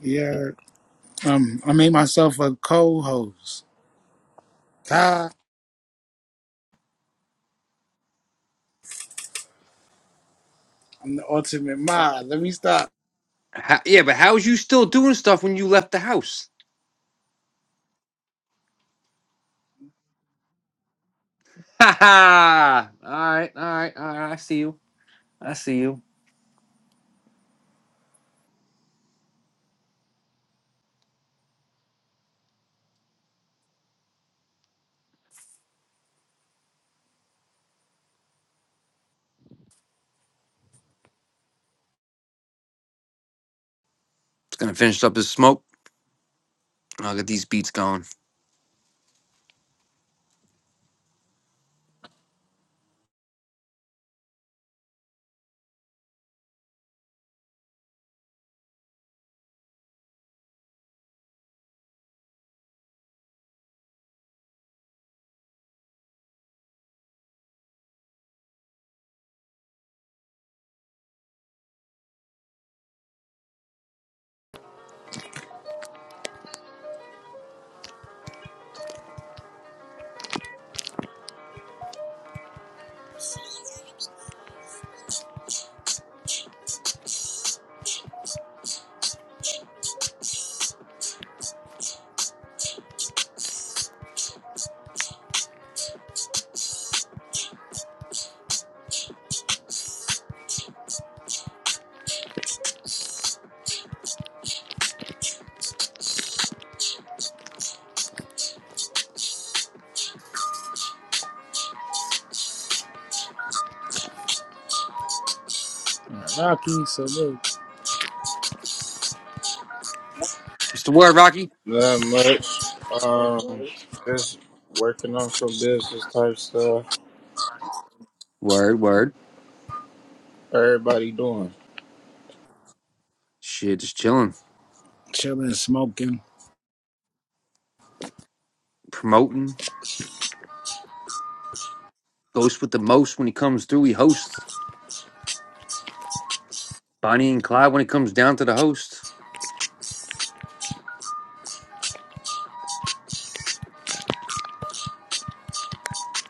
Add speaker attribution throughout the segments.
Speaker 1: Yeah, um, I made myself a co-host. Ty, I'm the ultimate mod. Let me stop.
Speaker 2: How, yeah, but how is you still doing stuff when you left the house? Ha ha! All right, all right, all right. I see you. I see you. Just gonna finish up this smoke. I'll get these beats going.
Speaker 1: Rocky, salute.
Speaker 2: What's the word, Rocky?
Speaker 3: Not much.
Speaker 2: Word,
Speaker 3: Um, just working on some business type stuff.
Speaker 2: word.
Speaker 3: Everybody doing.
Speaker 2: Shit, just chilling,
Speaker 1: Chilling, smoking.
Speaker 2: promoting. Ghost with the most when he comes through. He hosts Bonnie and Clyde when it comes down to the host.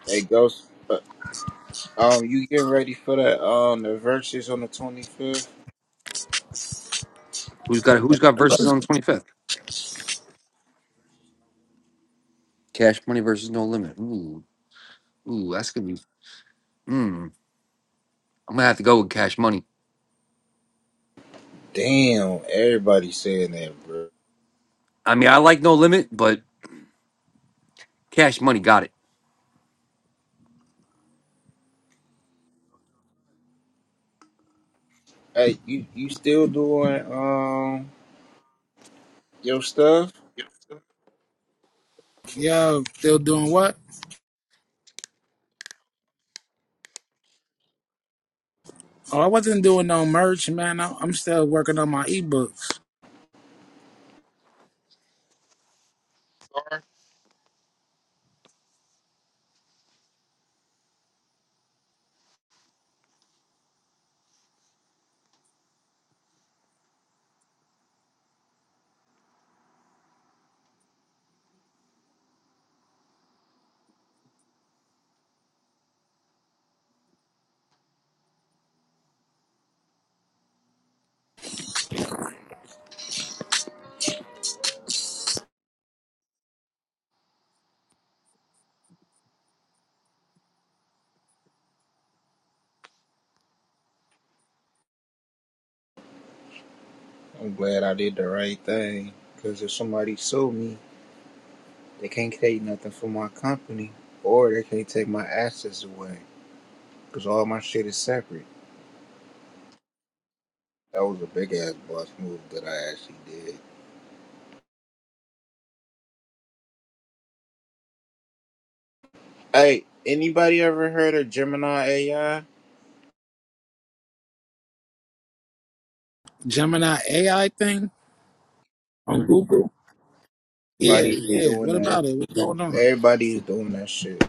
Speaker 3: Hey, Ghost. uh, Um, you getting ready for that? Um, the verses on the twenty fifth.
Speaker 2: Who's got Who's got verses on the twenty fifth? Cash Money versus No Limit. Ooh, ooh, that's gonna be. Mm, I'm gonna have to go with Cash Money.
Speaker 3: Damn, everybody saying that, bro.
Speaker 2: I mean, I like No Limit, but Cash Money got it.
Speaker 3: Hey, you you still doing um your stuff?
Speaker 1: Yo, still doing what? Oh, I wasn't doing no merch, man. I- I'm still working on my ebooks.
Speaker 3: I'm glad I did the right thing. Cause if somebody sue me, they can't take nothing from my company, or they can't take my assets away. Cause all my shit is separate. That was a big ass boss move that I actually did. Hey, anybody ever heard of Gemini AI?
Speaker 1: Gemini AI thing on Google. Yeah,
Speaker 3: Everybody's
Speaker 1: yeah.
Speaker 3: doing
Speaker 1: What
Speaker 3: that.
Speaker 1: about it? What's going on?
Speaker 3: Everybody's doing that shit.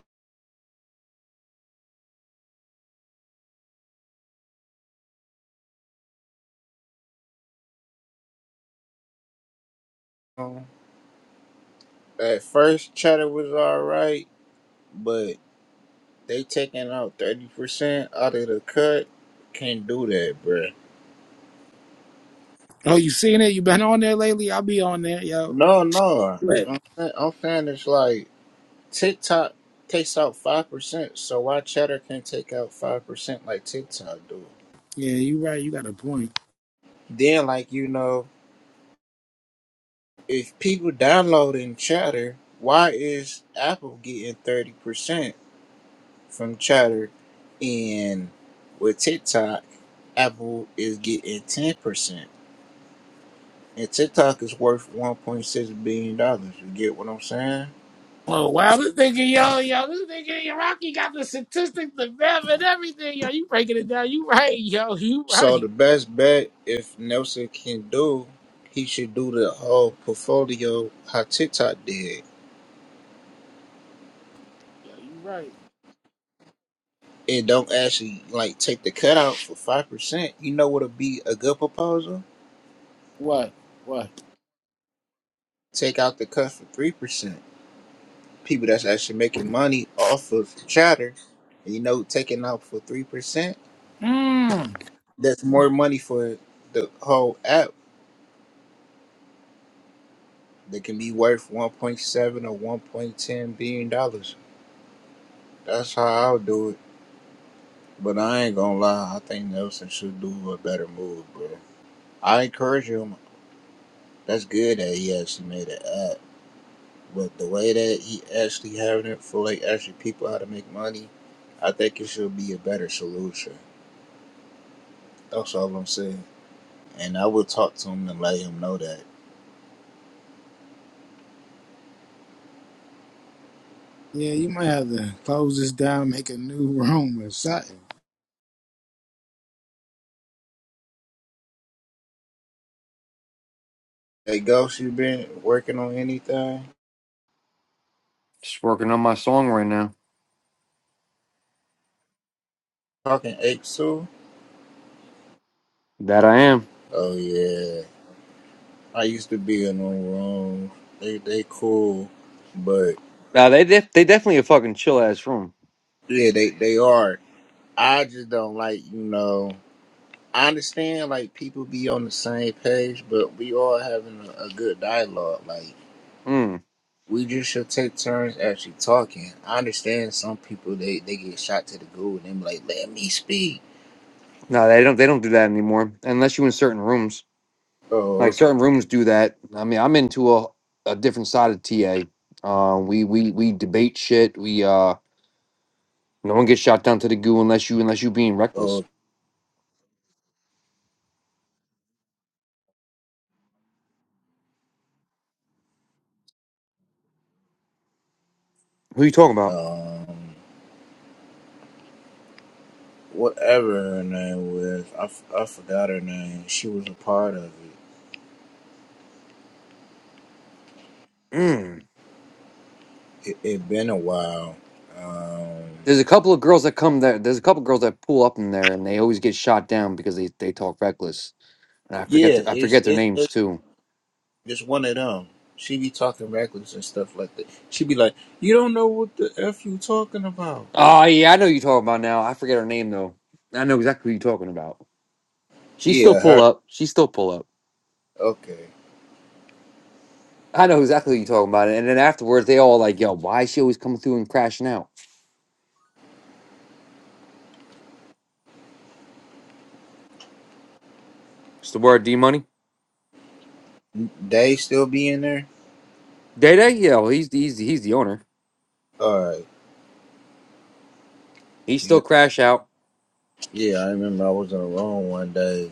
Speaker 3: Um, At first, Chatter was alright, but they taking out thirty percent out of the cut. Can't do that, bruh.
Speaker 1: Oh, you seen it? You been on there lately? I'll be on there, yo.
Speaker 3: No, no.
Speaker 1: Yeah,
Speaker 3: I'm, I'm saying it's like TikTok takes out five percent, so why Chatter can't take out five percent like TikTok do?
Speaker 1: you right. You got a point.
Speaker 3: Then, like you know. if people downloading Chatter, why is Apple getting thirty percent from Chatter, and with TikTok, Apple is getting ten percent, and TikTok is worth one point six billion dollars. You get what I'm saying?
Speaker 1: Well, wow, this nigga, yo, yo, this nigga, yo, Rocky got the statistics, the math, and everything. Yo, you breaking it down. You right, yo, you
Speaker 3: So
Speaker 1: right.
Speaker 3: the best bet, if Nelson can do, he should do the whole portfolio how TikTok did.
Speaker 1: Yo, you right.
Speaker 3: And don't actually like take the cutout for five percent. You know what'll be a good proposal?
Speaker 1: What? What?
Speaker 3: Take out the cut for three percent. People that's actually making money off of chatter, you know, taking out for three percent,
Speaker 1: Hmm.
Speaker 3: that's more money for the whole app that can be worth one point seven or one point ten billion dollars. That's how I'll do it. But I ain't gonna lie, I think Nelson should do a better move, bro. I encourage him. That's good that he actually made an app. But the way that he actually having it for like actually people how to make money, I think it should be a better solution. That's all I'm saying. And I would talk to him and let him know that.
Speaker 1: Yeah, you might have to close this down, make a new room or something.
Speaker 3: Hey, Ghost, you been working on anything?
Speaker 2: Just working on my song right now.
Speaker 3: Talking apes too?
Speaker 2: That I am.
Speaker 3: Oh yeah. I used to be in them rooms. They they cool, but
Speaker 2: Now they def- they definitely a fucking chill ass room.
Speaker 3: yeah, they they are. I just don't like you know. I understand like people be on the same page, but we all having a, a good dialogue. Like
Speaker 2: Mm.
Speaker 3: we just should take turns actually talking. I understand some people they they get shot to the goo and they be like, let me speak.
Speaker 2: No, they don't they don't do that anymore unless you in certain rooms.
Speaker 3: Oh,
Speaker 2: Like
Speaker 3: okay.
Speaker 2: certain rooms do that. I mean, I'm into a, a different side of TA. Uh, we we we debate shit. We uh, no one gets shot down to the goo unless you unless you being reckless.
Speaker 3: Oh,
Speaker 2: Who you talking about?
Speaker 3: um, whatever her name was, I I forgot her name. She was a part of it.
Speaker 2: Mm.
Speaker 3: It, it been a while. Um,
Speaker 2: There's a couple of girls that come there. There's a couple of girls that pull up in there, and they always get shot down because they, they talk reckless. And I forget
Speaker 3: yeah,
Speaker 2: their, I
Speaker 3: it's,
Speaker 2: forget their
Speaker 3: it's
Speaker 2: names
Speaker 3: it's
Speaker 2: too.
Speaker 3: it's one of them. She be talking reckless and stuff like that. She be like, "You don't know what the f you talking about."
Speaker 2: Oh yeah, I know who you're talking about now. I forget her name though. I know exactly who you're talking about. She still
Speaker 3: Yeah,
Speaker 2: pull
Speaker 3: her.
Speaker 2: up. She still pull up.
Speaker 3: Okay,
Speaker 2: I know exactly who you're talking about. And then afterwards, they all like, "Yo, why is she always coming through and crashing out?" It's the word D Money.
Speaker 3: they still be in there.
Speaker 2: Day Day, yo, he's he's he's the owner.
Speaker 3: All right.
Speaker 2: He still
Speaker 3: Yeah,
Speaker 2: crash out.
Speaker 3: yeah. I remember I was in a room one day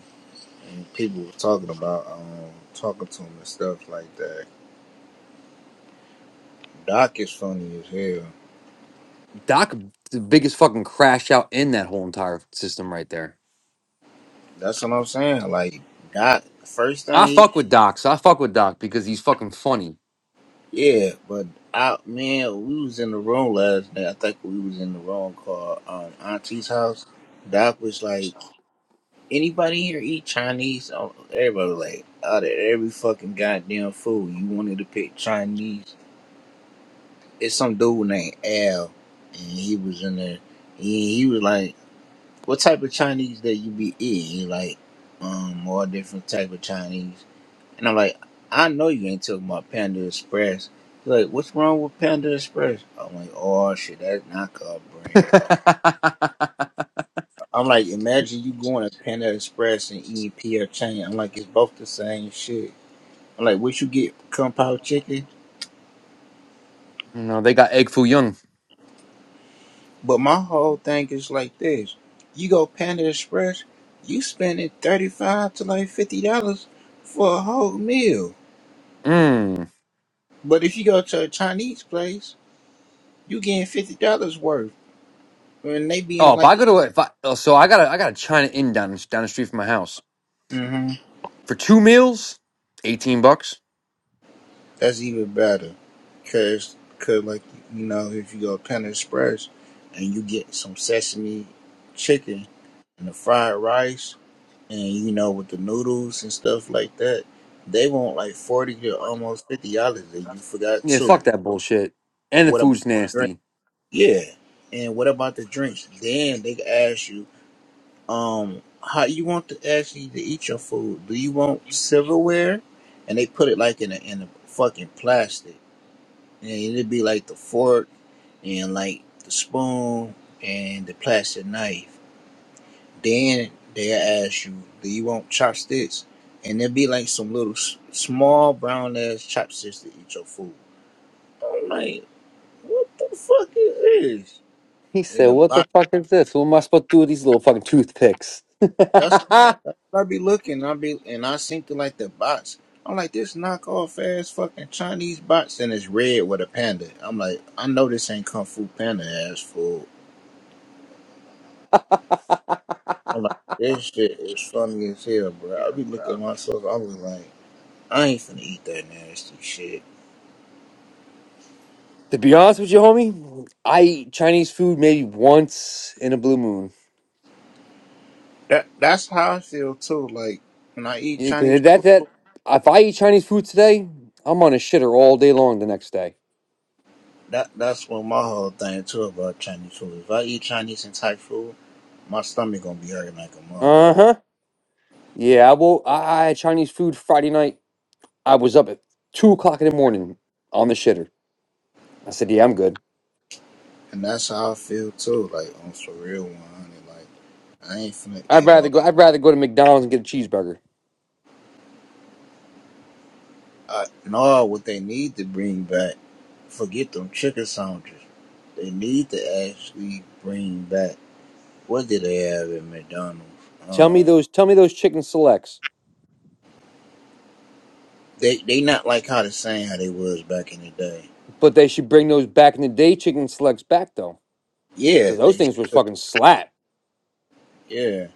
Speaker 3: and people were talking about um talking to him and stuff like that. Doc is funny as hell.
Speaker 2: Doc, the biggest fucking crash out in that whole entire system right there.
Speaker 3: That's what I'm saying. Like Doc, first
Speaker 2: I
Speaker 3: thing, he,
Speaker 2: fuck with Doc. So I fuck with Doc because he's fucking funny.
Speaker 3: yeah. But I, man, we was in the room last night. I think we was in the room called um, Auntie's house. Doc was like, anybody here eat Chinese? Oh, Everybody was like, out of every fucking goddamn food, you wanted to pick Chinese. It's some dude named Al, and he was in there. He, he was like, what type of Chinese that you be eating? He like, um, all different type of Chinese. And I'm like, I know you ain't talking about Panda Express. He's like, what's wrong with Panda Express? I'm like, oh shit, that's not called brand. I'm like, imagine you going to Panda Express and eating PF Chang. I'm like, it's both the same shit. I'm like, what you get Kung Pao chicken?
Speaker 2: no, they got Egg Foo Young.
Speaker 3: But my whole thing is like this. You go Panda Express, you spending thirty five to like fifty dollars for a whole meal.
Speaker 2: Mm.
Speaker 3: But if you go to a Chinese place, you getting fifty dollars worth. And they being
Speaker 2: Oh, if
Speaker 3: like,
Speaker 2: I go to if I oh, so I got a I got a China Inn down down the street from my house
Speaker 3: mm-hmm.
Speaker 2: for two meals, eighteen bucks.
Speaker 3: That's even better, cause cause like you know if you go to Panda Express and you get some sesame chicken and the fried rice and you know with the noodles and stuff like that, they want like forty to almost fifty dollars and you forgot
Speaker 2: Yeah,
Speaker 3: too.
Speaker 2: fuck that bullshit. And the
Speaker 3: What about
Speaker 2: food's
Speaker 3: the drink?
Speaker 2: nasty.
Speaker 3: Yeah, and what about the drinks? Then they ask you, um, how you want to actually to eat your food? Do you want silverware? And they put it like in a in a fucking plastic and it'd be like the fork and like the spoon and the plastic knife. Then they ask you, "Do you want chopsticks?" And there'd be like some little s- small brown ass chopsticks to eat your food. I'm like, what the fuck is this?
Speaker 2: He
Speaker 3: In
Speaker 2: said,
Speaker 3: the
Speaker 2: "What the
Speaker 3: box,
Speaker 2: fuck is this? What am I supposed to do with these little fucking toothpicks?"
Speaker 3: that's
Speaker 2: to
Speaker 3: that's what I be looking. I be and I seen to like the box. I'm like this knockoff ass fucking Chinese box, and it's red with a panda. I'm like, I know this ain't kung fu panda ass food. I'm like, this shit is funny as hell, bro. I be looking at myself. I was like, I ain't finna eat that nasty shit.
Speaker 2: be honest with you, homie, I eat Chinese food maybe once in a blue moon.
Speaker 3: That that's how I feel too. Like when I eat
Speaker 2: Yeah, 'cause
Speaker 3: Chinese
Speaker 2: that
Speaker 3: food,
Speaker 2: that if I eat Chinese food today, I'm on a shitter all day long the next day.
Speaker 3: that that's what my whole thing too about Chinese food. If I eat Chinese and Thai food, my stomach gonna be hurting like a
Speaker 2: Uh
Speaker 3: motherfucker.
Speaker 2: huh. Yeah, I will. I, I had Chinese food Friday night I was up at two o'clock in the morning on the shitter. I said, "Yeah, I'm good.
Speaker 3: And that's how I feel too. Like on for real, one hundred. Like I ain't finna
Speaker 2: I'd
Speaker 3: eat
Speaker 2: rather
Speaker 3: all.
Speaker 2: go. I'd rather go to McDonald's and get a cheeseburger.
Speaker 3: I know what they need to bring back. Forget them chicken sandwiches. They need to actually bring back. What did they have at McDonald's?
Speaker 2: Tell me
Speaker 3: Um,
Speaker 2: those. Tell me those chicken selects.
Speaker 3: they they not like how the same how they was back in the day.
Speaker 2: But they should bring those back in the day chicken selects back though,
Speaker 3: Yeah,
Speaker 2: because those
Speaker 3: they
Speaker 2: things
Speaker 3: should.
Speaker 2: was fucking slap.
Speaker 3: Yeah,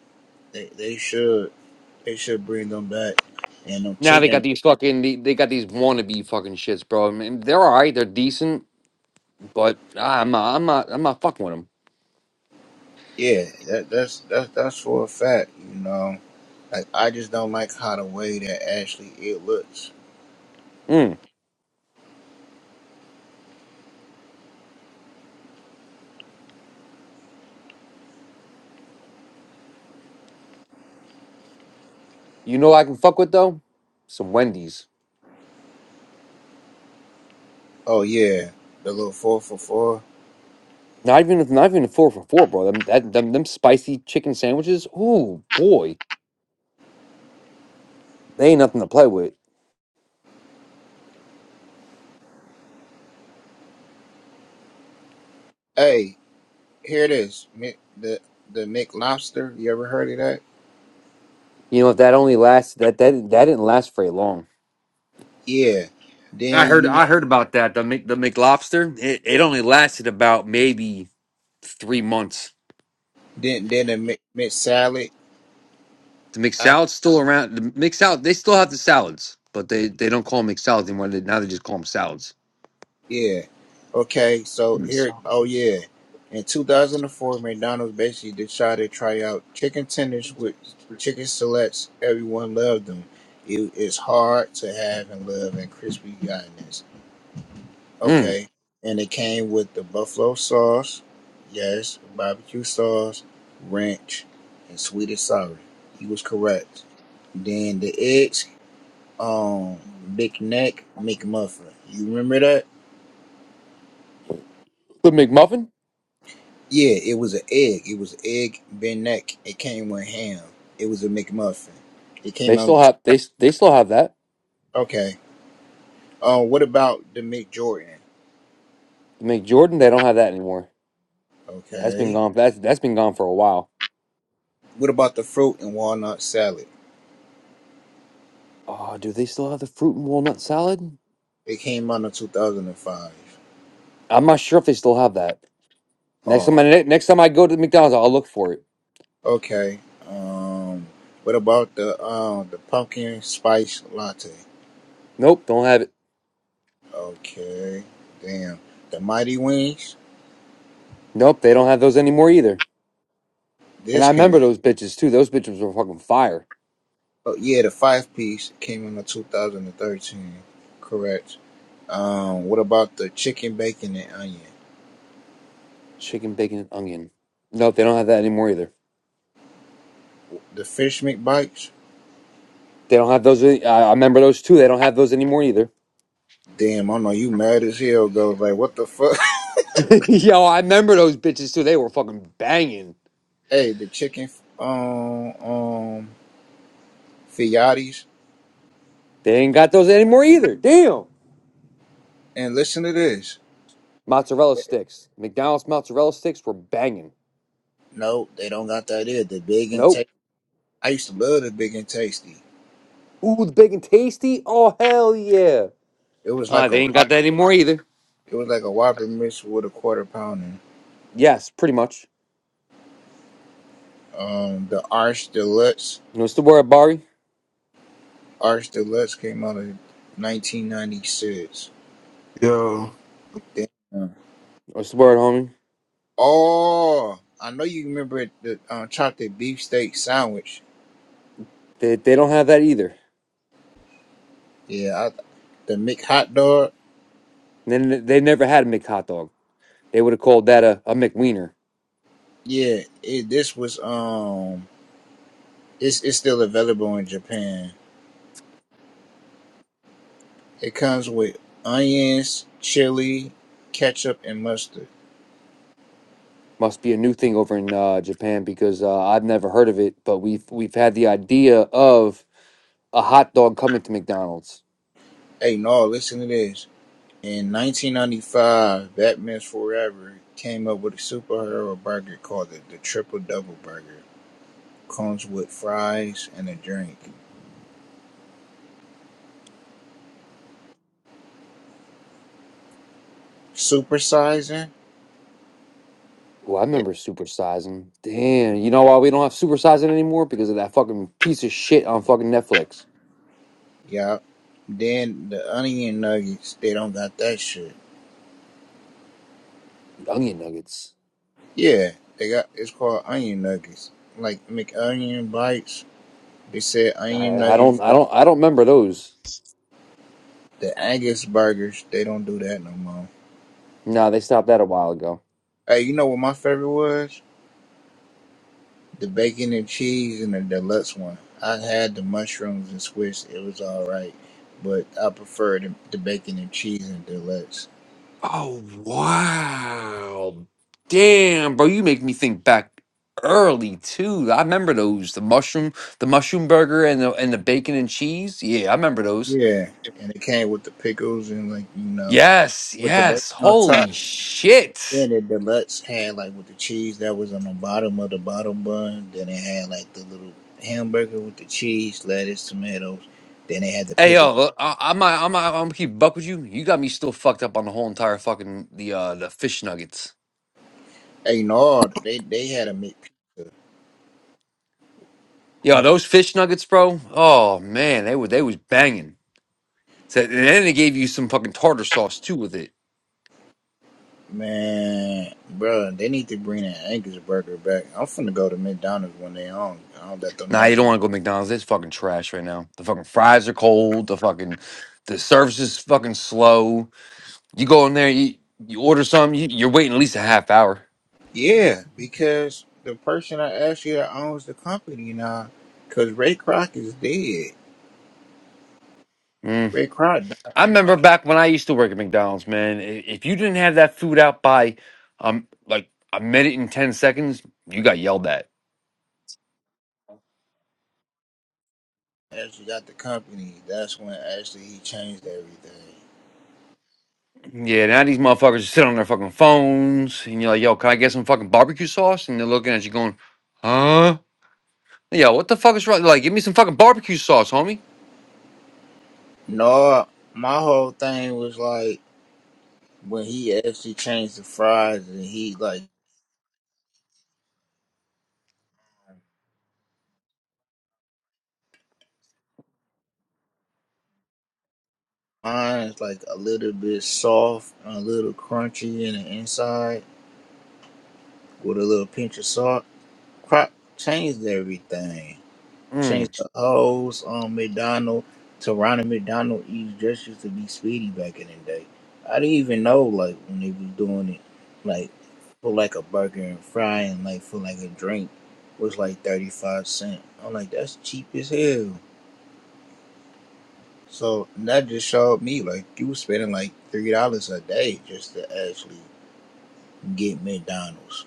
Speaker 3: they they should they should bring them back. And them
Speaker 2: Now they got
Speaker 3: chicken.
Speaker 2: these fucking. They, they got these wannabe fucking shits, bro. I mean, they're all right. They're decent, but ah, I'm not. I'm not. I'm not fucking with them.
Speaker 3: Yeah, that that's that's that's for a fact. You know, like I just don't like how the way that actually it looks.
Speaker 2: Mm. You know, what I can fuck with though. Some Wendy's.
Speaker 3: Oh yeah, the little four for four.
Speaker 2: Not even. Not even a four for four, bro. Them. That, them. Them spicy chicken sandwiches. Ooh, boy. They ain't nothing to play with.
Speaker 3: Hey, here it is. Mc- The the McLobster. You ever heard of that?
Speaker 2: You know, if that only lasts that that that didn't last very long.
Speaker 3: Yeah.
Speaker 2: I
Speaker 3: Then
Speaker 2: heard
Speaker 3: you
Speaker 2: I heard about that. The Mc, the McLobster, it, it only lasted about maybe three months.
Speaker 3: then then the Mc, Mc salad.
Speaker 2: The McSalad's still around. The McSalad they still have the salads, but they they don't call them McSalads anymore. They, now they just call them salads.
Speaker 3: Yeah. Okay. So
Speaker 2: Mm.
Speaker 3: here, oh yeah, in 2004, McDonald's basically decided to try out chicken tenders with chicken fillets. Everyone loved them. It is hard to have and love and crispy goodness.
Speaker 2: Mm.
Speaker 3: Okay. And it came with the buffalo sauce, yes, barbecue sauce, ranch, and sweet and sour. He was correct. Then the eggs, um, Big Neck McMuffin. You remember that?
Speaker 2: The McMuffin,
Speaker 3: Yeah, it was an egg. It was egg Ben neck. It came with ham. It was a McMuffin. It
Speaker 2: they
Speaker 3: came
Speaker 2: still
Speaker 3: out.
Speaker 2: have they they still have that.
Speaker 3: Okay. Uh, what about the McJordan?
Speaker 2: The McJordan, they don't have that anymore. That's been
Speaker 3: Okay.
Speaker 2: gone. That's that's been gone for a while.
Speaker 3: What about the fruit and walnut salad?
Speaker 2: Oh, do they still have the fruit and walnut salad?
Speaker 3: It came out in 2005.
Speaker 2: I'm not sure if they still have that. Next time, I,
Speaker 3: Oh,
Speaker 2: next time I go to McDonald's, I'll look for it.
Speaker 3: okay. Um, what about the um the pumpkin spice latte?
Speaker 2: Nope, don't have it.
Speaker 3: Okay. Damn. The Mighty Wings.
Speaker 2: Nope, they don't have those anymore either. And I
Speaker 3: This came
Speaker 2: remember
Speaker 3: out.
Speaker 2: those bitches too. Those bitches were fucking fire.
Speaker 3: Oh yeah, the five piece came out in 2013. Correct. Um, what about the chicken, bacon, and onion?
Speaker 2: Chicken, bacon, and onion. Nope, they don't have that anymore either.
Speaker 3: The fish McBites?
Speaker 2: They don't have those. any- I I remember those too. They don't have those anymore either.
Speaker 3: Damn, I know you mad as hell. Goes like, what the fuck?
Speaker 2: Yo, I remember those bitches too. They were fucking banging.
Speaker 3: hey, the chicken, um, um, fiatis.
Speaker 2: They ain't got those anymore either. Damn.
Speaker 3: And listen to this.
Speaker 2: Mozzarella sticks. McDonald's mozzarella sticks were banging.
Speaker 3: No, they don't got that either. The big and
Speaker 2: Nope.
Speaker 3: tasty. I used to love the big and tasty.
Speaker 2: Ooh, the bacon tasty. Oh hell yeah.
Speaker 3: It was
Speaker 2: Uh,
Speaker 3: like a,
Speaker 2: they ain't
Speaker 3: Whop-
Speaker 2: got that anymore either.
Speaker 3: it was like a Whopper mixed with a quarter pounder.
Speaker 2: Yes, pretty much.
Speaker 3: Um, the Arch Deluxe,
Speaker 2: What's the word, Bari?
Speaker 3: Arch Deluxe came out in 1996.
Speaker 4: Yo,
Speaker 3: Damn.
Speaker 2: What's the word, homie?
Speaker 3: Oh, I know you remember the um, chocolate beefsteak sandwich.
Speaker 2: They, they don't have that either.
Speaker 3: Yeah, I, the Mick hot dog.
Speaker 2: They, they never had a McHot dog. They would have called that a, a McWiener.
Speaker 3: Yeah, it, this was um, it's it's still available in Japan. It comes with onions, chili, ketchup, and mustard.
Speaker 2: Must be a new thing over in uh, Japan because uh, I've never heard of it. But we've we've had the idea of a hot dog coming to McDonald's.
Speaker 3: Hey, no, listen to this. In 1995, Batman's Forever came up with a superhero burger called the, the Triple Double Burger. Comes with fries and a drink. Supersizing?
Speaker 2: Oh, I remember supersizing. Damn, you know why we don't have supersizing anymore? Because of that fucking piece of shit on fucking Netflix,
Speaker 3: Yeah. Then the onion nuggets, they don't got that shit.
Speaker 2: the Onion Nuggets.
Speaker 3: Yeah, they got it's called onion nuggets. Like McOnion bites, they said onion
Speaker 2: I, I don't,
Speaker 3: nuggets.
Speaker 2: I don't, I don't remember those.
Speaker 3: The Angus burgers, they don't do that no more.
Speaker 2: Nah, they stopped that a while ago.
Speaker 3: Hey, you know what my favorite was? The bacon and cheese and the deluxe one. I had the mushrooms and squish. It was all right, but I prefer the, the bacon and cheese and deluxe.
Speaker 2: Oh wow. Damn, bro, you make me think back early too. I remember those. The mushroom, the mushroom burger and the and the bacon and cheese. Yeah, I remember those.
Speaker 3: Yeah, and it came with the pickles and like you know
Speaker 2: Yes,
Speaker 3: with the bacon
Speaker 2: yes.
Speaker 3: on top.
Speaker 2: Holy shit.
Speaker 3: Then the deluxe had like with the cheese that was on the bottom of the bottom bun. Then it had like the little hamburger with the cheese, lettuce, tomatoes. Then they had the
Speaker 2: Hey
Speaker 3: pickles.
Speaker 2: yo, look, I, I'm not- I'm not- I'm gonna keep buck with you. You got me still fucked up on the whole entire fucking the uh the fish nuggets.
Speaker 3: Hey, no, they they had a meat.
Speaker 2: Yo, those fish nuggets, bro. Oh man, they were they was banging. So, and then they gave you some fucking tartar sauce too with it.
Speaker 3: Man, bruh, they need to bring that Angus burger back. I'm finna go to McDonald's when they own. I'll let them
Speaker 2: Nah,
Speaker 3: know.
Speaker 2: you don't want to go to McDonald's. It's fucking trash right now. The fucking fries are cold. The fucking the service is fucking slow. You go in there, you you order something, you, you're waiting at least a half hour.
Speaker 3: Yeah, because the person I asked you that owns the company now, because Ray Kroc is dead.
Speaker 2: Mm.
Speaker 3: Ray Kroc died
Speaker 2: I remember back when I used to work at McDonald's, man. i- If you didn't have that food out by um like a minute and ten seconds, you got yelled at.
Speaker 3: as got the company. That's when actually he changed everything.
Speaker 2: Yeah, now these motherfuckers sit on their fucking phones, and you're like, "Yo, can I get some fucking barbecue sauce?" And they're looking at you, going, "Huh? Yo, what the fuck is wrong? Like, give me some fucking barbecue sauce, homie."
Speaker 3: No, my whole thing was like when he actually changed the fries and he like mine's like a little bit soft and a little crunchy in the inside with a little pinch of salt. Crop changed everything.
Speaker 2: Mm.
Speaker 3: Changed the O's on McDonald to Ronald McDonald Eves just used to be Speedy back in the day. I didn't even know like when they was doing it, like for like a burger and fry and like for like a drink was like thirty five cent. I'm like that's cheap as hell. So and that just showed me like you was spending like three dollars a day just to actually get McDonald's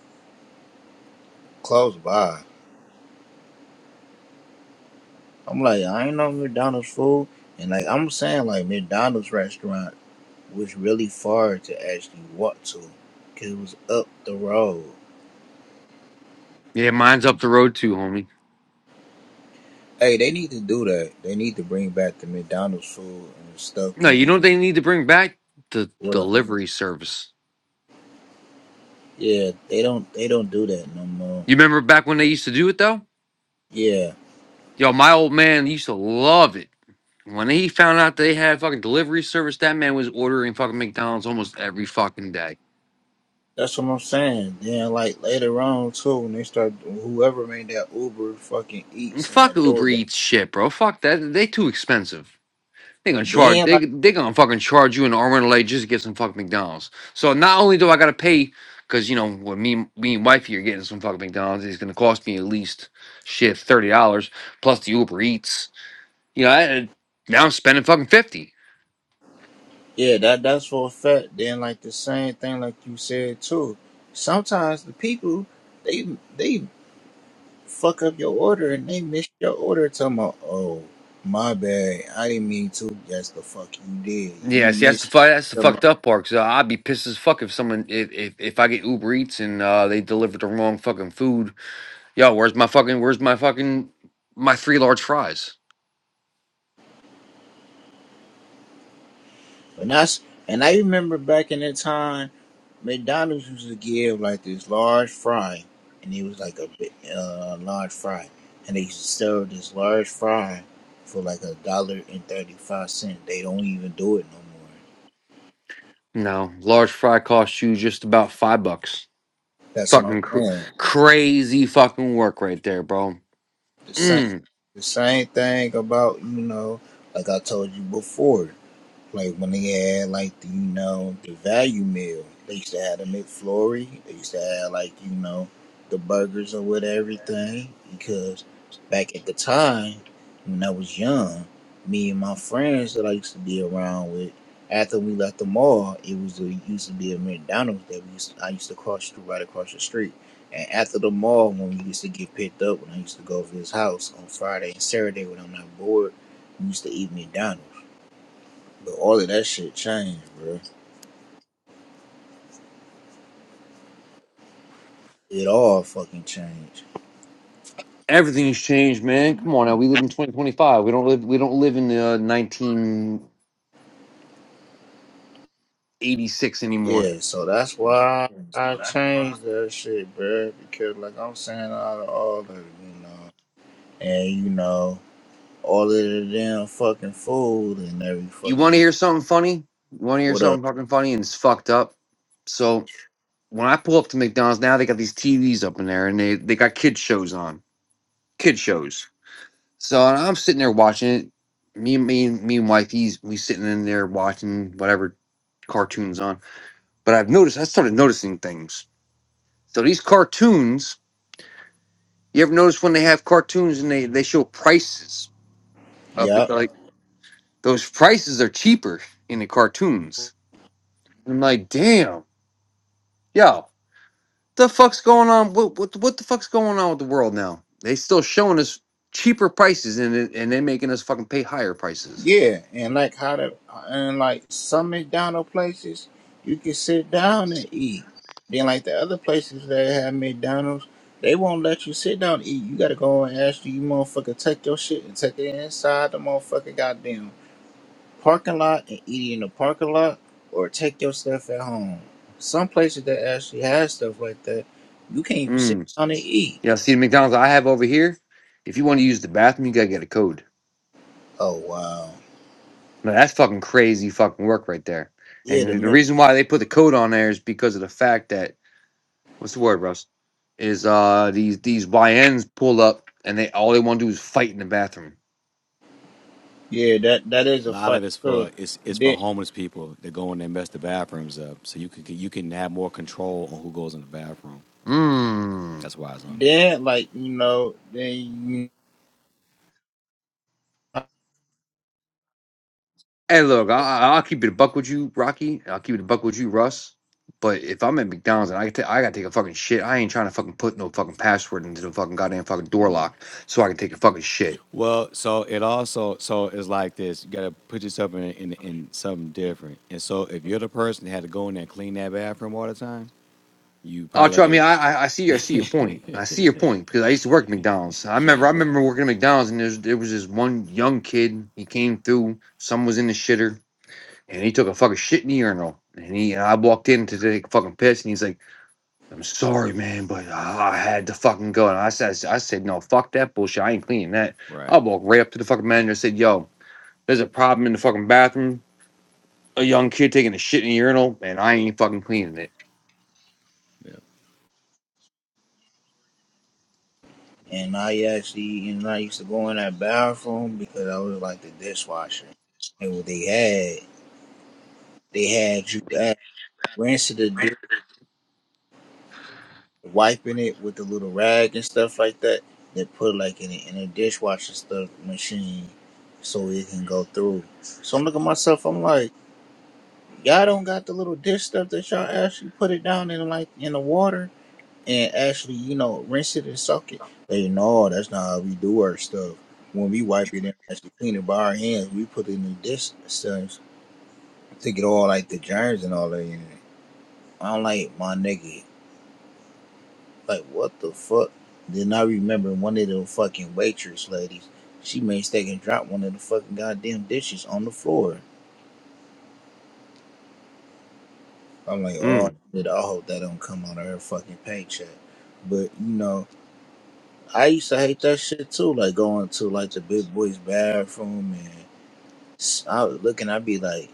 Speaker 3: close by. I'm like I ain't no McDonald's food, and like I'm saying like McDonald's restaurant. was really far to actually walk to, cause it was up the road.
Speaker 2: Yeah, mine's up the road too, homie.
Speaker 3: Hey, they need to do that. They need to bring back the McDonald's food and stuff
Speaker 2: No,
Speaker 3: can
Speaker 2: you
Speaker 3: be.
Speaker 2: know what they need to bring back the
Speaker 3: What?
Speaker 2: delivery service.
Speaker 3: Yeah, they don't. They don't do that no more.
Speaker 2: You remember back when they used to do it though?
Speaker 3: Yeah,
Speaker 2: Yo, my old man used to love it. When he found out they had fucking delivery service, that man was ordering fucking McDonald's almost every fucking day.
Speaker 3: that's what I'm saying. Then like later on too, when they start whoever made that Uber fucking
Speaker 2: And
Speaker 3: eats and
Speaker 2: fuck
Speaker 3: that
Speaker 2: Uber
Speaker 3: DoorDash.
Speaker 2: Eats shit, bro. Fuck that. They too expensive. They gonna charge.
Speaker 3: Then
Speaker 2: They
Speaker 3: like
Speaker 2: they gonna fucking charge you an arm and a leg just to get some fucking McDonald's. So not only do I gotta pay, cause you know what me me and wifey are getting some fucking McDonald's, it's gonna cost me at least shit thirty dollars plus the Uber Eats. You know, I, I- now I'm spending fucking fifty.
Speaker 3: yeah, that that's for a fact. Then like the same thing like you said too. Sometimes the people they they fuck up your order and they missed your order. Talking about, oh, my bad. I didn't mean to. Yes, the fuck you did. You
Speaker 2: Yeah, see that's the
Speaker 3: missed.
Speaker 2: fu- that's the
Speaker 3: Them.
Speaker 2: fucked up part. Cause uh, I'd be pissed as fuck if someone if if, if I get Uber Eats and uh, they deliver the wrong fucking food. Yo, where's my fucking where's my fucking my three large fries?
Speaker 3: And that's and I remember back in that time, McDonald's used to give like this large fry, and it was like a big, uh, large fry, and they used to sell this large fry for like a dollar and thirty five cent. They don't even do it no more.
Speaker 2: No, large fry costs you just about five bucks.
Speaker 3: That's what I'm
Speaker 2: Fucking cr-
Speaker 3: saying.
Speaker 2: crazy fucking work right there, bro.
Speaker 3: The same
Speaker 2: Mm.
Speaker 3: the same thing about you know like I told you before. Like when they had like the, you know the value meal, they used to have the McFlurry. They used to have like you know the burgers and with everything because back at the time when I was young, me and my friends that I used to be around with, after we left the mall, it was a, used to be a McDonald's that we used to, I used to cross through right across the street. And after the mall, when we used to get picked up, when I used to go over his house on Friday and Saturday when I'm not bored, we used to eat McDonald's. But all of that shit changed, bro. It all fucking changed.
Speaker 2: Everything's changed, man. Come on now. We live in 2025. We don't live we don't live in uh, 1986 anymore.
Speaker 3: Yeah, so that's why I changed that shit, bro. Because like I'm saying, out of all of it, you know, and you know, all of the damn fucking food and every
Speaker 2: You want to
Speaker 3: fucking
Speaker 2: hear something funny? You want to hear
Speaker 3: what up?
Speaker 2: something fucking funny and it's fucked up? So, when I pull up to McDonald's now, they got these TVs up in there and they they got kid shows on. Kid shows. So, and I'm sitting there watching it. Me and me and me and wifey's we sitting in there watching whatever cartoons on But I've noticed I started noticing things. So these cartoons, you ever notice when they have cartoons and they they show prices of the,
Speaker 3: Yup.
Speaker 2: like those prices are cheaper in the cartoons. I'm like, damn, yo, the fuck's going on? What what what the fuck's going on with the world now? They still showing us cheaper prices and it- and they making us fucking pay higher prices.
Speaker 3: Yeah, and like how the and like some McDonald places you can sit down and eat. Then like the other places that have McDonald's, they won't let you sit down and eat. You gotta go and ask you motherfucker take your shit and take it inside the motherfucker goddamn parking lot and eat it in the parking lot or take your stuff at home. Some places that actually have stuff like that, you can't even sit
Speaker 2: Mm.
Speaker 3: down and eat.
Speaker 2: Yeah, see the McDonald's I have over here. If you want to use the bathroom, you gotta get a code.
Speaker 3: Oh wow.
Speaker 2: Now, that's fucking crazy fucking work right there.
Speaker 3: Yeah, the
Speaker 2: And the
Speaker 3: Mc-
Speaker 2: reason why they put the code on there is because of the fact that what's the word, Russ? Is uh these these YNs pull up and they all they want to do is fight in the bathroom.
Speaker 3: yeah, that that is
Speaker 5: A
Speaker 3: a
Speaker 5: lot of
Speaker 3: fact.
Speaker 5: it's
Speaker 3: too.
Speaker 5: for it's it's for homeless people that go in there and mess the bathrooms up, so you can you can have more control on who goes in the bathroom.
Speaker 2: Mmm.
Speaker 5: That's why it's on there.
Speaker 3: then like you know then you
Speaker 2: Hey, look, I, I- I'll keep it a buck with you, Rocky. I'll keep it a buck with you, Russ. But if I'm at McDonald's and I ta- I gotta take a fucking shit, I ain't trying to fucking put no fucking password into the fucking goddamn fucking door lock so I can take a fucking shit.
Speaker 5: Well, so it also so it's like this. You gotta put yourself in in, in something different. And so if you're the person that had to go in there and clean that bathroom all the time, you
Speaker 2: Oh,
Speaker 5: probably look
Speaker 2: trust
Speaker 5: at
Speaker 2: me.
Speaker 5: it.
Speaker 2: I, I I see. I see your point. I see your point because I used to work at McDonald's. I
Speaker 5: Yeah,
Speaker 2: remember. I
Speaker 5: bro.
Speaker 2: remember working at McDonald's, and there's, there was this one young kid. He came through. Someone was in the shitter, and he took a fucking shit in the urinal. And he and I walked in to take a fucking piss, and he's like, "I'm sorry, man, but I had to fucking go." And I said, "I said no, fuck that bullshit. I ain't cleaning that." I
Speaker 5: Right.
Speaker 2: walked right up to the fucking manager and said, "Yo, there's a problem in the fucking bathroom. A young kid taking a shit in the urinal, and I ain't fucking cleaning it."
Speaker 5: Yeah.
Speaker 3: and I actually and I used to go in that bathroom because I was like the dishwasher and what they had they had you act- rinsing the dish wiping it with the little rag and stuff like that they put like in a, in a dishwasher stuff machine so it can go through so I'm looking at myself I'm like y'all don't got the little dish stuff that y'all actually put it down in like in the water and actually, you know, rinse it and soak it. They know that's not how we do our stuff. When we wipe it and actually clean it by our hands, we put it in the dish stuff to get all like the germs and all that in it. I'm like, my nigga, like what the fuck? Then I remember one of the fucking waitress ladies, she mistake and dropped one of the fucking goddamn dishes on the floor. I'm like,
Speaker 2: Mm.
Speaker 3: oh shit, I hope that don't come out of her fucking paycheck. But you know, I used to hate that shit too, like going to like the big boys bathroom and s- I was looking, I'd be like,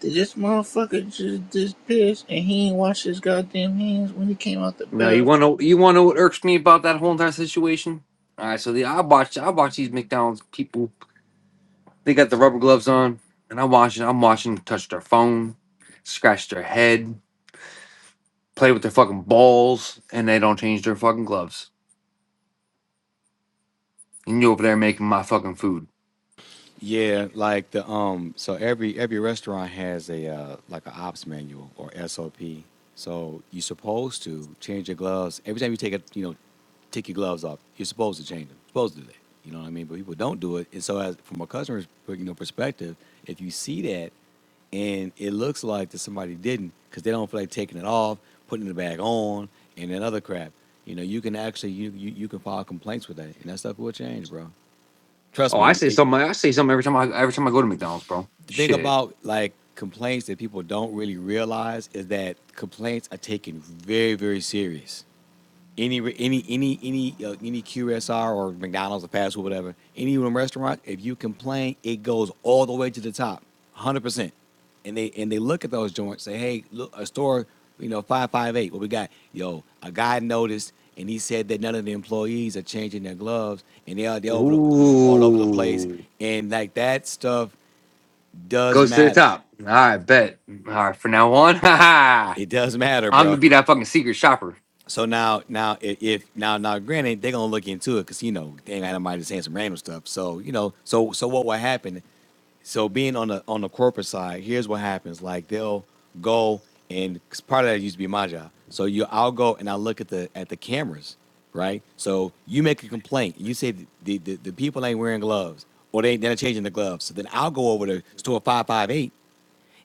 Speaker 3: did this motherfucker just just piss and he ain't wash his goddamn hands when he came out the
Speaker 2: No, you
Speaker 3: bath?
Speaker 2: want to you want to what irks me about that whole entire situation? All right, so the I watch I watch these McDonald's people. They got the rubber gloves on, and I'm watching. I'm watching them touch their phone, scratch their head, play with their fucking balls, and they don't change their fucking gloves. And you over there making my fucking food.
Speaker 5: Yeah, like the um. So every every restaurant has a uh, like an ops manual or SOP. So you're supposed to change your gloves every time you take a you know take your gloves off. You're supposed to change them. Supposed to do that. You know what I mean? But people don't do it. And so as from a customer's you know perspective, if you see that and it looks like that somebody didn't because they don't feel like taking it off, putting the bag on, and that other crap. You know, you can actually you you, you can file complaints with that, and that stuff will change, bro. Trust
Speaker 2: Oh, I
Speaker 5: me, it,
Speaker 2: say
Speaker 5: it,
Speaker 2: something. I say something every time I every time I go to McDonald's, bro.
Speaker 5: the thing
Speaker 2: Shit.
Speaker 5: about like complaints that people don't really realize is that complaints are taken very very serious any re- any any any uh, any qsr or mcdonald's or fast food whatever any restaurant if you complain it goes all the way to the top 100% and they and they look at those joints say hey look a store you know 558 what we got yo a guy noticed and he said that none of the employees are changing their gloves and they are they over the, you know all over the place
Speaker 2: Ooh,
Speaker 5: and like that stuff does
Speaker 2: goes to the
Speaker 5: matter.
Speaker 2: top. All right, bet. All right, from now on, haha.
Speaker 5: It does matter,
Speaker 2: I'm gonna
Speaker 5: bro.
Speaker 2: be that fucking secret shopper.
Speaker 5: So now, now, i- if now, now, granted, they're gonna look into it because you know they ain't got nobody saying some random stuff. So you know, so so what will happen? So being on the on the corporate side, here's what happens: like they'll go and 'cause part of that used to be my job. So you, I'll go and I look at the at the cameras, right? So you make a complaint. You say the the, the, the people ain't wearing gloves or they they're not changing the gloves. So then I'll go over to store five five eight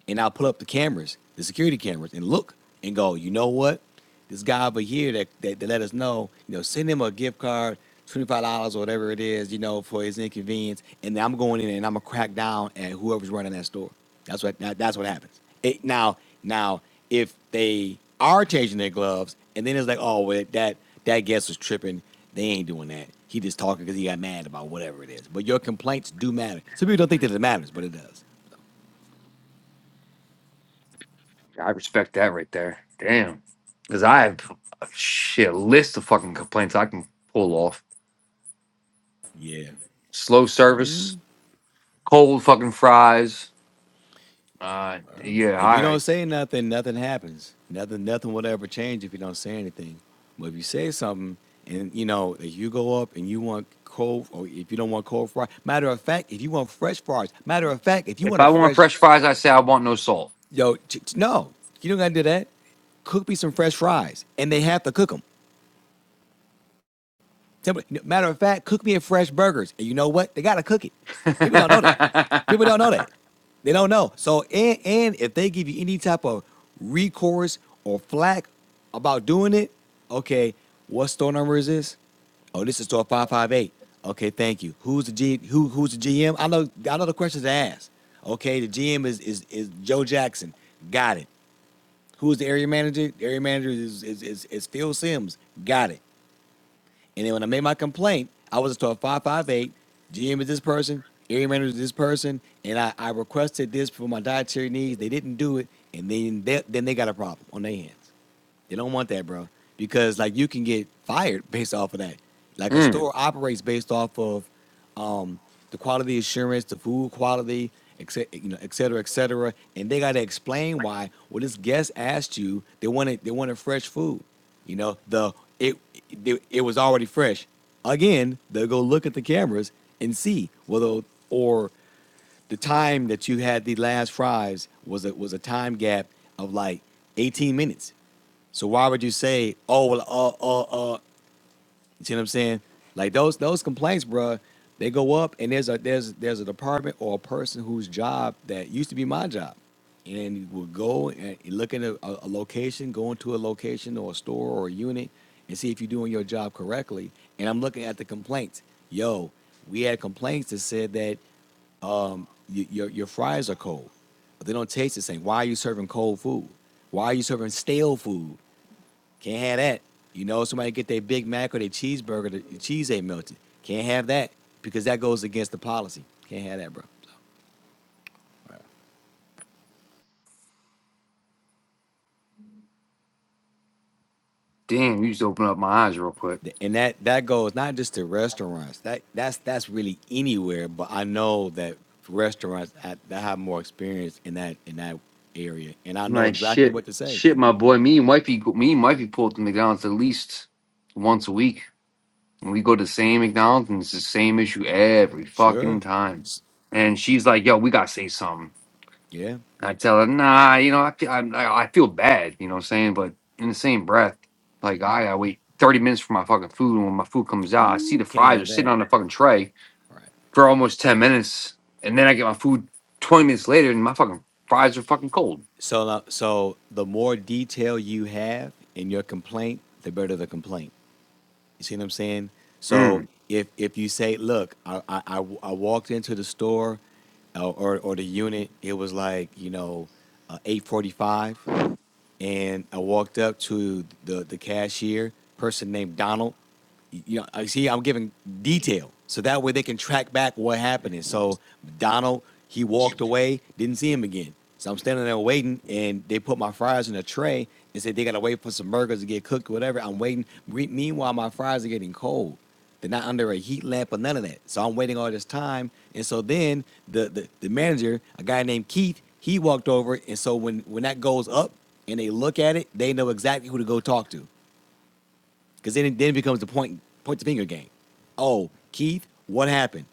Speaker 5: and I'll pull up the cameras, the security cameras, and look and go, you know what? This guy over here that, that, that let us know, you know, send him a gift card, $25 or whatever it is, you know, for his inconvenience. And then I'm going in and I'm gonna crack down at whoever's running that store. That's what that, that's what happens. It, now, now, if they are changing their gloves and then it's like, oh, well, that that guest was tripping, they ain't doing that. He just talking because he got mad about whatever it is. But your complaints do matter. Some people don't think that it matters, but it does.
Speaker 2: I respect that right there. Damn. Because I have a shit a list of fucking complaints I can pull off.
Speaker 5: Yeah.
Speaker 2: Slow service, cold fucking fries. Uh, yeah,
Speaker 5: If you don't
Speaker 2: I
Speaker 5: say nothing, nothing happens. Nothing, nothing will ever change if you don't say anything. But if you say something, and you know, if you go up and you want cold, or if you don't want cold fries, matter of fact, if you want fresh fries, matter of fact, if you
Speaker 2: if
Speaker 5: want a
Speaker 2: I want
Speaker 5: fresh,
Speaker 2: fresh fries, I say I want no salt.
Speaker 5: yo, ch- ch- no, you don't gotta do that. Cook me some fresh fries, and they have to cook them. Matter of fact, cook me a fresh burgers. And you know what? They gotta cook it. People don't know that.
Speaker 2: mm,
Speaker 5: People don't know that. They don't know. So and and if they give you any type of recourse or flack about doing it, okay, what store number is this? Oh, this is store five five eight. Okay, thank you. Who's the G who who's the GM? I know I know the questions to ask. Okay, the GM is is is Joe Jackson. Got it. Who's the area manager? The area manager is is is, is Phil Sims. Got it. And then when I made my complaint, I was told 558, GM is this person, area manager is this person, and I, I requested this for my dietary needs. They didn't do it, and then they, then they got a problem on their hands. They don't want that, bro, because like you can get fired based off of that. Like a store operates based off of the quality assurance, the food quality, et cetera, you know, et cetera, et cetera. And they got to explain why. Well, this guest asked you. They wanted they wanted fresh food. You know, the it it, it was already fresh. Again, they'll go look at the cameras and see whether or the time that you had the last fries was a was a time gap of like 18 minutes. So why would you say, oh well, uh, uh, uh, you see what I'm saying? Like those those complaints, bruh, they go up, and there's a there's there's a department or a person whose job that used to be my job, and will go and look at a, a, location, go into a location or a store or a unit, and see if you're doing your job correctly. And I'm looking at the complaints. Yo, we had complaints that said that um, y- your your fries are cold. but They don't taste the same. Why are you serving cold food? Why are you serving stale food? Can't have that. You know, somebody get their Big Mac or their cheeseburger, the cheese ain't melted. Can't have that because that goes against the policy. Can't have that, bro.
Speaker 2: damn, you just opened up my eyes real quick.
Speaker 5: So, And that that goes not just to restaurants. That that's that's really anywhere. But I know that for restaurants, I, I have more experience in that in that area, and I know
Speaker 2: My
Speaker 5: exactly
Speaker 2: shit,
Speaker 5: what to say.
Speaker 2: shit,
Speaker 5: And
Speaker 2: my boy. Me and wifey, go- me and wifey pull up to McDonald's at least once a week. And We go to the same McDonald's and it's the same issue every fucking
Speaker 5: sure,
Speaker 2: time.
Speaker 5: s-
Speaker 2: And she's like, yo, we gotta say something.
Speaker 5: yeah,
Speaker 2: And I tell her, nah, you know, I feel, i I, I feel bad, you know what I'm saying? But in the same breath, like, I gotta wait 30 minutes for my fucking food. And when my food comes out, I see the
Speaker 5: ooh, can't
Speaker 2: fries are
Speaker 5: have
Speaker 2: sitting
Speaker 5: that.
Speaker 2: on the fucking tray
Speaker 5: Right.
Speaker 2: for almost 10 minutes. And then I get my food 20 minutes later and my fucking fries are fucking cold.
Speaker 5: So, uh, so the more detail you have in your complaint, the better the complaint. You see what I'm saying? So
Speaker 2: Mm.
Speaker 5: if if you say, look, I I, I, I walked into the store uh, or or the unit, it was like you know, uh, 8:45, and I walked up to the the cashier, person named Donald you know, I see, I'm giving detail so that way they can track back what happened. And so Donald, he walked away, didn't see him again. So I'm standing there waiting, and they put my fries in a tray and said they gotta wait for some burgers to get cooked, or whatever. I'm waiting. Meanwhile, my fries are getting cold. They're not under a heat lamp or none of that. So I'm waiting all this time. And so then the the, the manager, a guy named Keith, he walked over. And so when when that goes up and they look at it, they know exactly who to go talk to. Because then, it- then it becomes the point point the finger game. Oh, Keith, what happened?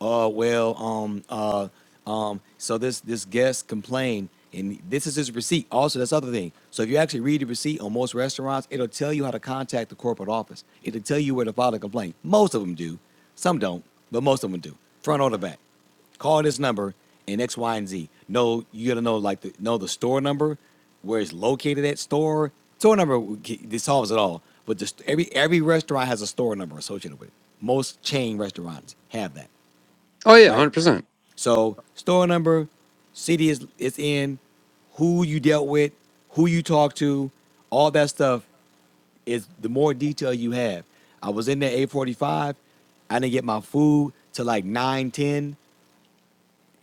Speaker 5: Oh, uh, well, um, uh, um, so this this guest complained, and this is his receipt. Also, that's the other thing. So if you actually read the receipt on most restaurants, it'll tell you how to contact the corporate office. It'll tell you where to file a complaint. Most of them do. Some don't, but most of them do. Front or the back. Call this number and X, Y, and Z. No, you gotta know like the know the store number, where it's located at store. Store number w- g- this solves it all. But just every every restaurant has a store number associated with it. Most chain restaurants have that,
Speaker 2: Oh, yeah,
Speaker 5: right?
Speaker 2: 100%.
Speaker 5: So store number, city is it's in, who you dealt with, who you talked to, all that stuff is the more detail you have. I was in there 845. I didn't get my food till like 9:10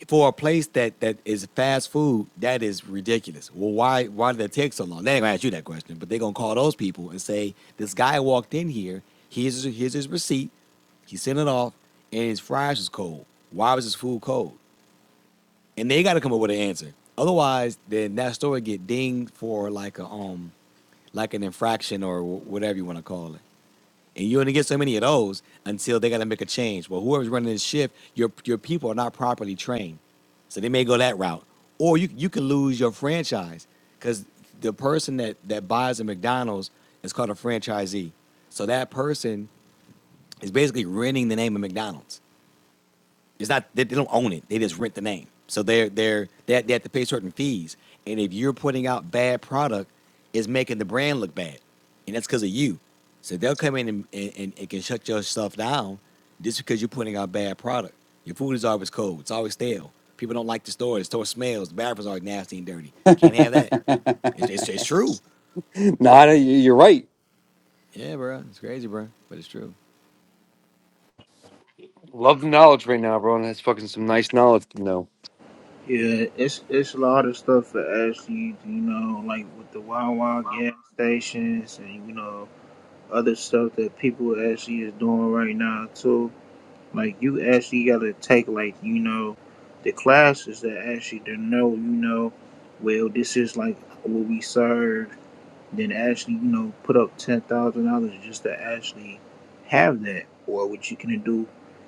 Speaker 5: for a place that that is fast food, that is ridiculous. Well, why why did it take so long? They ain't gonna ask you that question, but they're gonna call those people and say, This guy walked in here, here's here's his receipt, he sent it off, and his fries was cold. Why was his food cold? And they gotta come up with an answer. Otherwise, then that store get dinged for like a um like an infraction or wh- whatever you want to call it. And you only get so many of those until they got to make a change. Well, whoever's running this shift, your your people are not properly trained, so they may go that route. Or you you can lose your franchise because the person that that buys a McDonald's is called a franchisee. So that person is basically renting the name of McDonald's. It's not they, they don't own it; they just rent the name. So they're they're they, they have to pay certain fees. And if you're putting out bad product, it's making the brand look bad, and that's because of you. So they'll come in and, and, and, and can shut your stuff down just because you're putting out bad product. Your food is always cold. It's always stale. People don't like the store. The store smells. The bathrooms are nasty and dirty. Can't have that. It's, it's, it's true.
Speaker 2: Nada, you- you're right.
Speaker 5: Yeah, bro. It's crazy, bro. But it's true.
Speaker 2: Love the knowledge right now, bro. And that's fucking some nice knowledge to know.
Speaker 3: Yeah, it's it's a lot of stuff that actually, you know, like with the Wawa gas stations and you know other stuff that people actually is doing right now too. Like you actually gotta take like you know the classes that actually to know you know well this is like what we serve. Then actually you know put up ten thousand dollars just to actually have that. Or what you can do,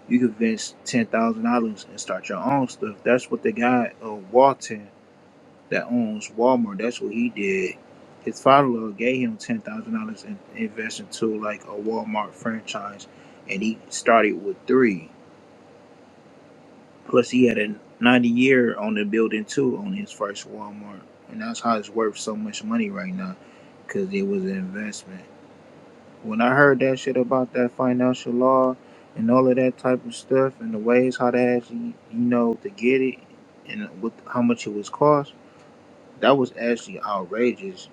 Speaker 3: you can invest ten thousand dollars and start your own stuff. That's what the guy uh, Walton that owns Walmart. That's what he did. His father gave him ten thousand dollars and invest into like a Walmart franchise, and he started with three. Plus, he had a 90 year on the building too on his first Walmart, and that's how it's worth so much money right now because it was an investment. When I heard that shit about that financial law and all of that type of stuff and the ways how to actually, you know, to get it and what how much it was cost, that was actually outrageous.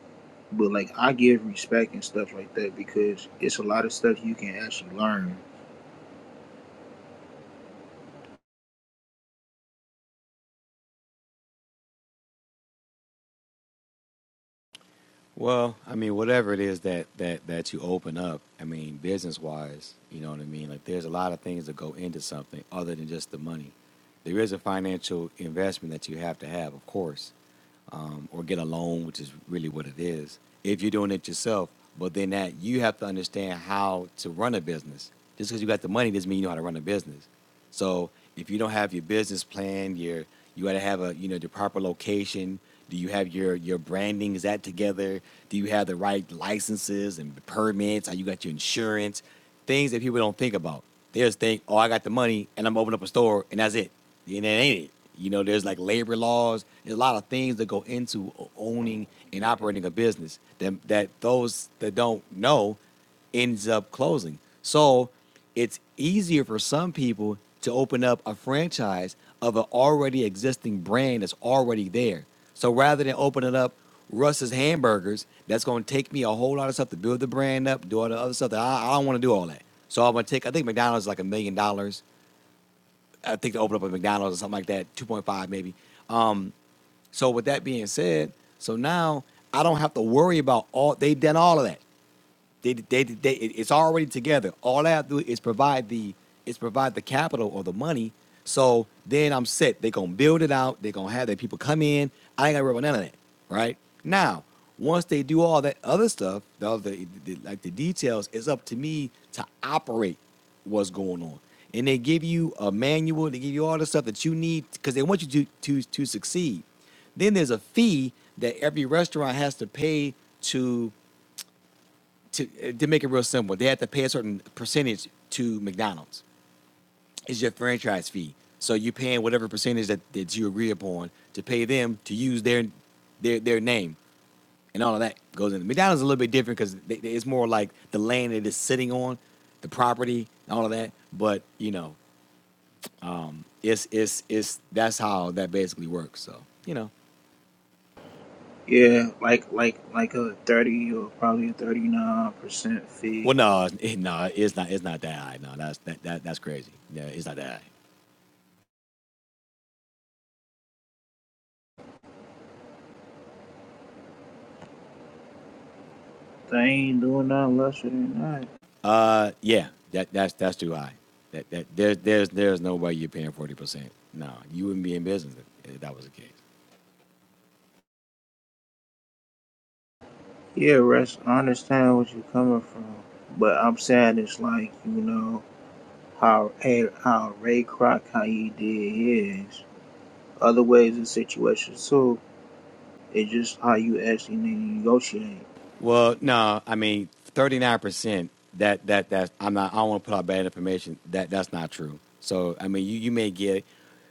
Speaker 3: But like I give respect and stuff like that because it's a lot of stuff you can actually learn.
Speaker 5: Well, I mean, whatever it is that that that you open up, I mean, business wise, you know what I mean. Like, there's a lot of things that go into something other than just the money. There is a financial investment that you have to have, of course, um, or get a loan, which is really what it is. If you're doing it yourself, but then that you have to understand how to run a business. Just because you got the money doesn't mean you know how to run a business. So if you don't have your business plan, your you got to have a you know the proper location. Do you have your your branding? Is that together? Do you have the right licenses and permits? How you got your insurance? Things that people don't think about. They just think, oh, I got the money and I'm opening up a store and that's it. And that ain't it. You know, there's like labor laws. There's a lot of things that go into owning and operating a business that, that those that don't know ends up closing. So it's easier for some people to open up a franchise of an already existing brand that's already there. So rather than opening up Russ's Hamburgers, that's going to take me a whole lot of stuff to build the brand up, do all the other stuff. That I, I don't want to do all that. So I'm going to take, I think McDonald's is like a million dollars. I think to open up a McDonald's or something like that, 2.5 maybe. So with that being said, so now I don't have to worry about all, they've done all of that. They, they, they, it's already together. All I have to do is provide the is provide the capital or the money. So then I'm set. They're gonna build it out. They're gonna have their people come in. I ain't gotta worry about none of that, right? Now, once they do all that other stuff, the other the, like the details, it's up to me to operate what's going on. And they give you a manual, they give you all the stuff that you need because they want you to, to to succeed. Then there's a fee that every restaurant has to pay to to uh, to make it real simple, they have to pay a certain percentage to McDonald's. It's your franchise fee. So you're paying whatever percentage that, that you agree upon to pay them to use their their their name and all of that goes in. McDonald's is a little bit different because it's more like the land it is sitting on, the property, and all of that. But you know, it's it's it's that's how that basically works. So you know,
Speaker 3: Yeah, like like like a thirty or probably a thirty nine percent fee
Speaker 5: well, no, it, no, it's not. It's not that high. No, that's that, that that's crazy. Yeah, it's not that high.
Speaker 3: They ain't doing nothing less than that.
Speaker 5: Uh, yeah, that that's that's too high. That that there's there's there's no way you're paying forty percent. No, you wouldn't be in business if, if that was the case.
Speaker 3: Yeah, Russ. I understand what you are coming from, but I'm saying it's like you know how hey, how Ray Kroc how he did his. Other ways and situations too. It's just how you actually need to negotiate.
Speaker 5: Well, no, I mean thirty nine percent. That that that's I'm not. I don't want to put out bad information. That that's not true. So I mean, you you may get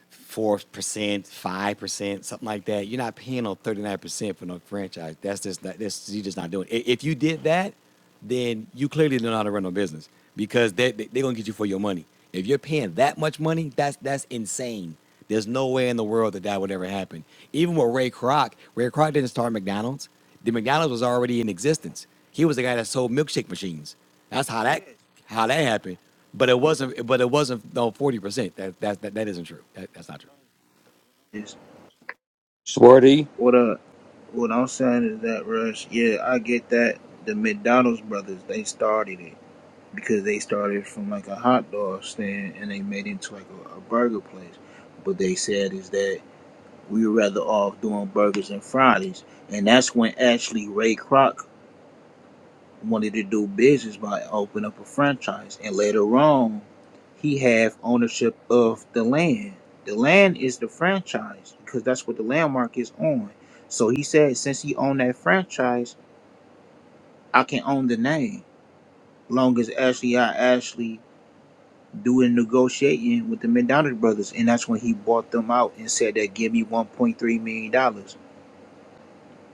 Speaker 5: four percent, five percent, something like that. You're not paying on thirty nine percent for no franchise. That's just not. That's you're just not doing. it. If you did that, then you clearly don't know how to run no business because they, they, they're going to get you for your money. If you're paying that much money, that's that's insane. There's no way in the world that that would ever happen. Even with Ray Kroc, Ray Kroc didn't start McDonald's. The McDonald's was already in existence. He was the guy that sold milkshake machines. That's how that how that happened. But it wasn't. But it wasn't no forty percent. That that that that isn't true. That, that's not true.
Speaker 3: It's
Speaker 2: Swarty,
Speaker 3: what uh what I'm saying is that Russ. Yeah, I get that. The McDonald's brothers they started it because they started from like a hot dog stand and they made it into like a, a burger place. But they said is that we were rather off doing burgers and Fridays. And that's when actually Ray Kroc wanted to do business by opening up a franchise. And later on, he had ownership of the land. The land is the franchise because that's what the landmark is on. So he said, since he owned that franchise, I can own the name. Long as actually I actually do a negotiating with the McDonald brothers. And that's when he bought them out and said that give me $1.3 million dollars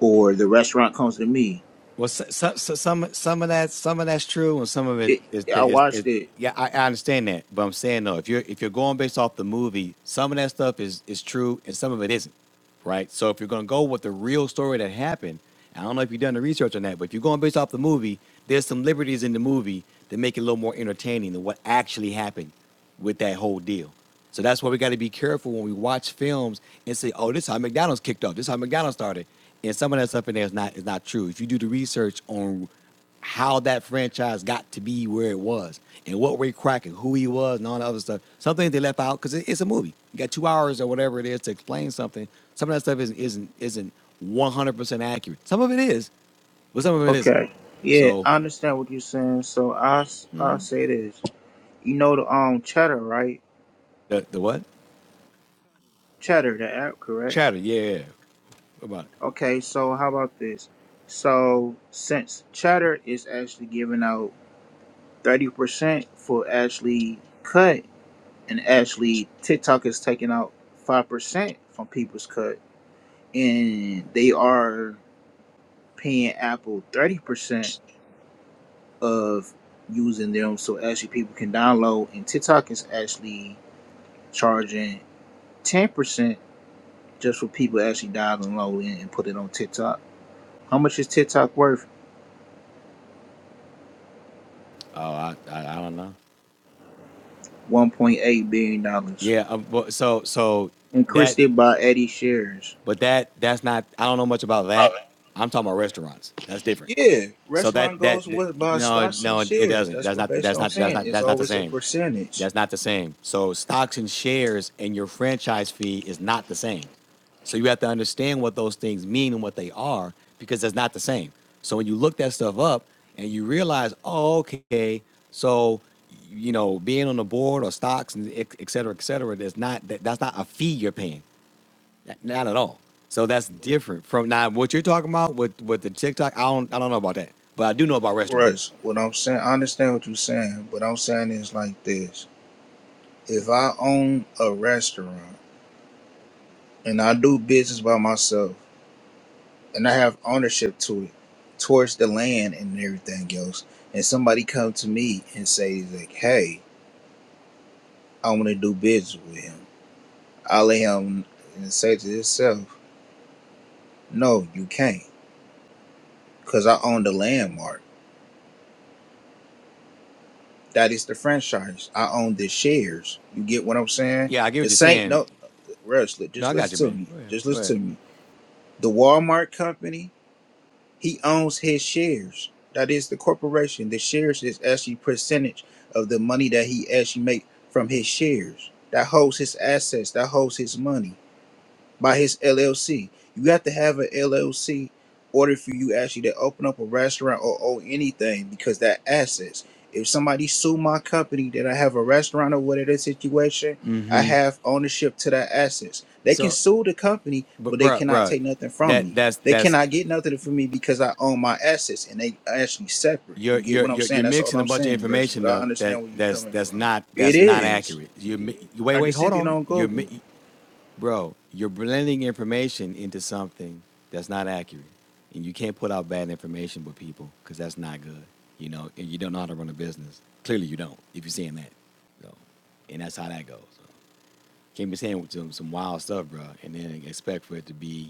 Speaker 3: or the restaurant comes to me
Speaker 5: Well, some some some of that some of that's true, and some of it
Speaker 3: It,
Speaker 5: is
Speaker 3: I
Speaker 5: is, is
Speaker 3: watched it.
Speaker 5: yeah, I, I understand that, but I'm saying though, if you're if you're going based off the movie, some of that stuff is is true, and some of it isn't, right? So if you're gonna go with the real story that happened, I don't know if you've done the research on that, but if you're going based off the movie, there's some liberties in the movie that make it a little more entertaining than what actually happened with that whole deal. So that's why we got to be careful when we watch films and say, "Oh, this is how McDonald's kicked off. This is how McDonald's started." And some of that stuff in there is not is not true. If you do the research on how that franchise got to be where it was and what Ray Kroc and who he was and all the other stuff, some things they left out because it's a movie. You got two hours or whatever it is to explain something. Some of that stuff isn't isn't isn't 100% accurate. Some of it is, but some of it isn't.
Speaker 3: Okay. Yeah,
Speaker 5: So
Speaker 3: I understand what you're saying. So I s- I say this. You know the um Cheddar, right?
Speaker 5: the the what?
Speaker 3: Cheddar, the app, correct?
Speaker 5: Chatter, yeah. yeah. yeah. What about it?
Speaker 3: Okay. So how about this? So since Cheddar is actually giving out thirty percent for Ashley cut, and actually TikTok is taking out five percent from people's cut, and they are paying Apple thirty percent. of using them. So actually, people can download, and TikTok is actually charging ten percent just for people actually downloading and put it on TikTok. How much is TikTok worth?
Speaker 5: Oh, I I, I don't know.
Speaker 3: One point eight billion dollars.
Speaker 5: Yeah, um, but so so
Speaker 3: Increased
Speaker 5: that,
Speaker 3: it by eighty shares.
Speaker 5: but that that's not. I don't know much about that. I'm talking about restaurants. That's different.
Speaker 3: Yeah,
Speaker 5: So
Speaker 3: restaurant
Speaker 5: that
Speaker 3: goes
Speaker 5: that
Speaker 3: with by
Speaker 5: no
Speaker 3: stocks and
Speaker 5: no it
Speaker 3: shares.
Speaker 5: doesn't.
Speaker 3: That's
Speaker 5: That's
Speaker 3: what
Speaker 5: not
Speaker 3: basically
Speaker 5: that's
Speaker 3: I'm
Speaker 5: not that's
Speaker 3: saying.
Speaker 5: not
Speaker 3: It's
Speaker 5: that's not the
Speaker 3: always a
Speaker 5: same.
Speaker 3: percentage.
Speaker 5: That's not the same. So stocks and shares and your franchise fee is not the same. So you have to understand what those things mean and what they are because that's not the same. So when you look that stuff up and you realize, oh, okay, so you know being on the board or stocks and et et cetera, et cetera, there's not that, that's not a fee you're paying. N- Not at all. So that's different from now what you're talking about with with the TikTok. I don't I don't know about that, but I do know about restaurants.
Speaker 3: Russ, what I'm saying, I understand what you're saying, but I'm saying is like this. If I own a restaurant and I do business by myself, and I have ownership to it towards the land and everything else. And somebody come to me and say like, "Hey, I want to do business with him." I let him and say to himself, "No, you can't, because I own the landmark. That is the franchise. I own the shares. You get what I'm saying?
Speaker 5: Yeah, I get what you're
Speaker 3: This ain't
Speaker 5: saying.
Speaker 3: no, uh, Russ.
Speaker 5: No,
Speaker 3: Just
Speaker 5: I got you,
Speaker 3: listen to
Speaker 5: man.
Speaker 3: me.
Speaker 5: Go ahead,
Speaker 3: Just
Speaker 5: go
Speaker 3: listen
Speaker 5: ahead.
Speaker 3: to me. The Walmart company. he owns his shares. That is the corporation. The shares is actually percentage of the money that he actually make from his shares. That holds his assets. That holds his money by his LLC. You have to have an LLC in order for you actually to open up a restaurant or own anything because that assets. If somebody sue my company that I have a restaurant or whatever situation, I have ownership to that assets. They can
Speaker 5: So,
Speaker 3: sue the company, but
Speaker 5: but
Speaker 3: they
Speaker 5: bruh,
Speaker 3: cannot
Speaker 5: bruh,
Speaker 3: take nothing from
Speaker 5: that
Speaker 3: me.
Speaker 5: that's
Speaker 3: They
Speaker 5: that's
Speaker 3: cannot get nothing from me because I own my assets and they actually separate.
Speaker 5: you're
Speaker 3: You get
Speaker 5: you're
Speaker 3: what I'm
Speaker 5: you're,
Speaker 3: saying?
Speaker 5: you're
Speaker 3: That's all
Speaker 5: mixing a
Speaker 3: I'm
Speaker 5: bunch of
Speaker 3: saying, Russ. But
Speaker 5: information
Speaker 3: I
Speaker 5: up that
Speaker 3: understand where you're
Speaker 5: that's
Speaker 3: coming
Speaker 5: that's
Speaker 3: from.
Speaker 5: not
Speaker 3: It
Speaker 5: that's not
Speaker 3: is.
Speaker 5: accurate. You mi- wait
Speaker 3: I
Speaker 5: wait
Speaker 3: just
Speaker 5: hold
Speaker 3: sent it
Speaker 5: on.
Speaker 3: on
Speaker 5: You're mi-
Speaker 3: Google.
Speaker 5: Bro, you're blending information into something that's not accurate. And you can't put out bad information with people because that's not good. You know, and you don't know how to run a business. Clearly you don't, if you're saying that. So, and that's how that goes. So, Can't be saying some, some wild stuff, bro, and then expect for it to be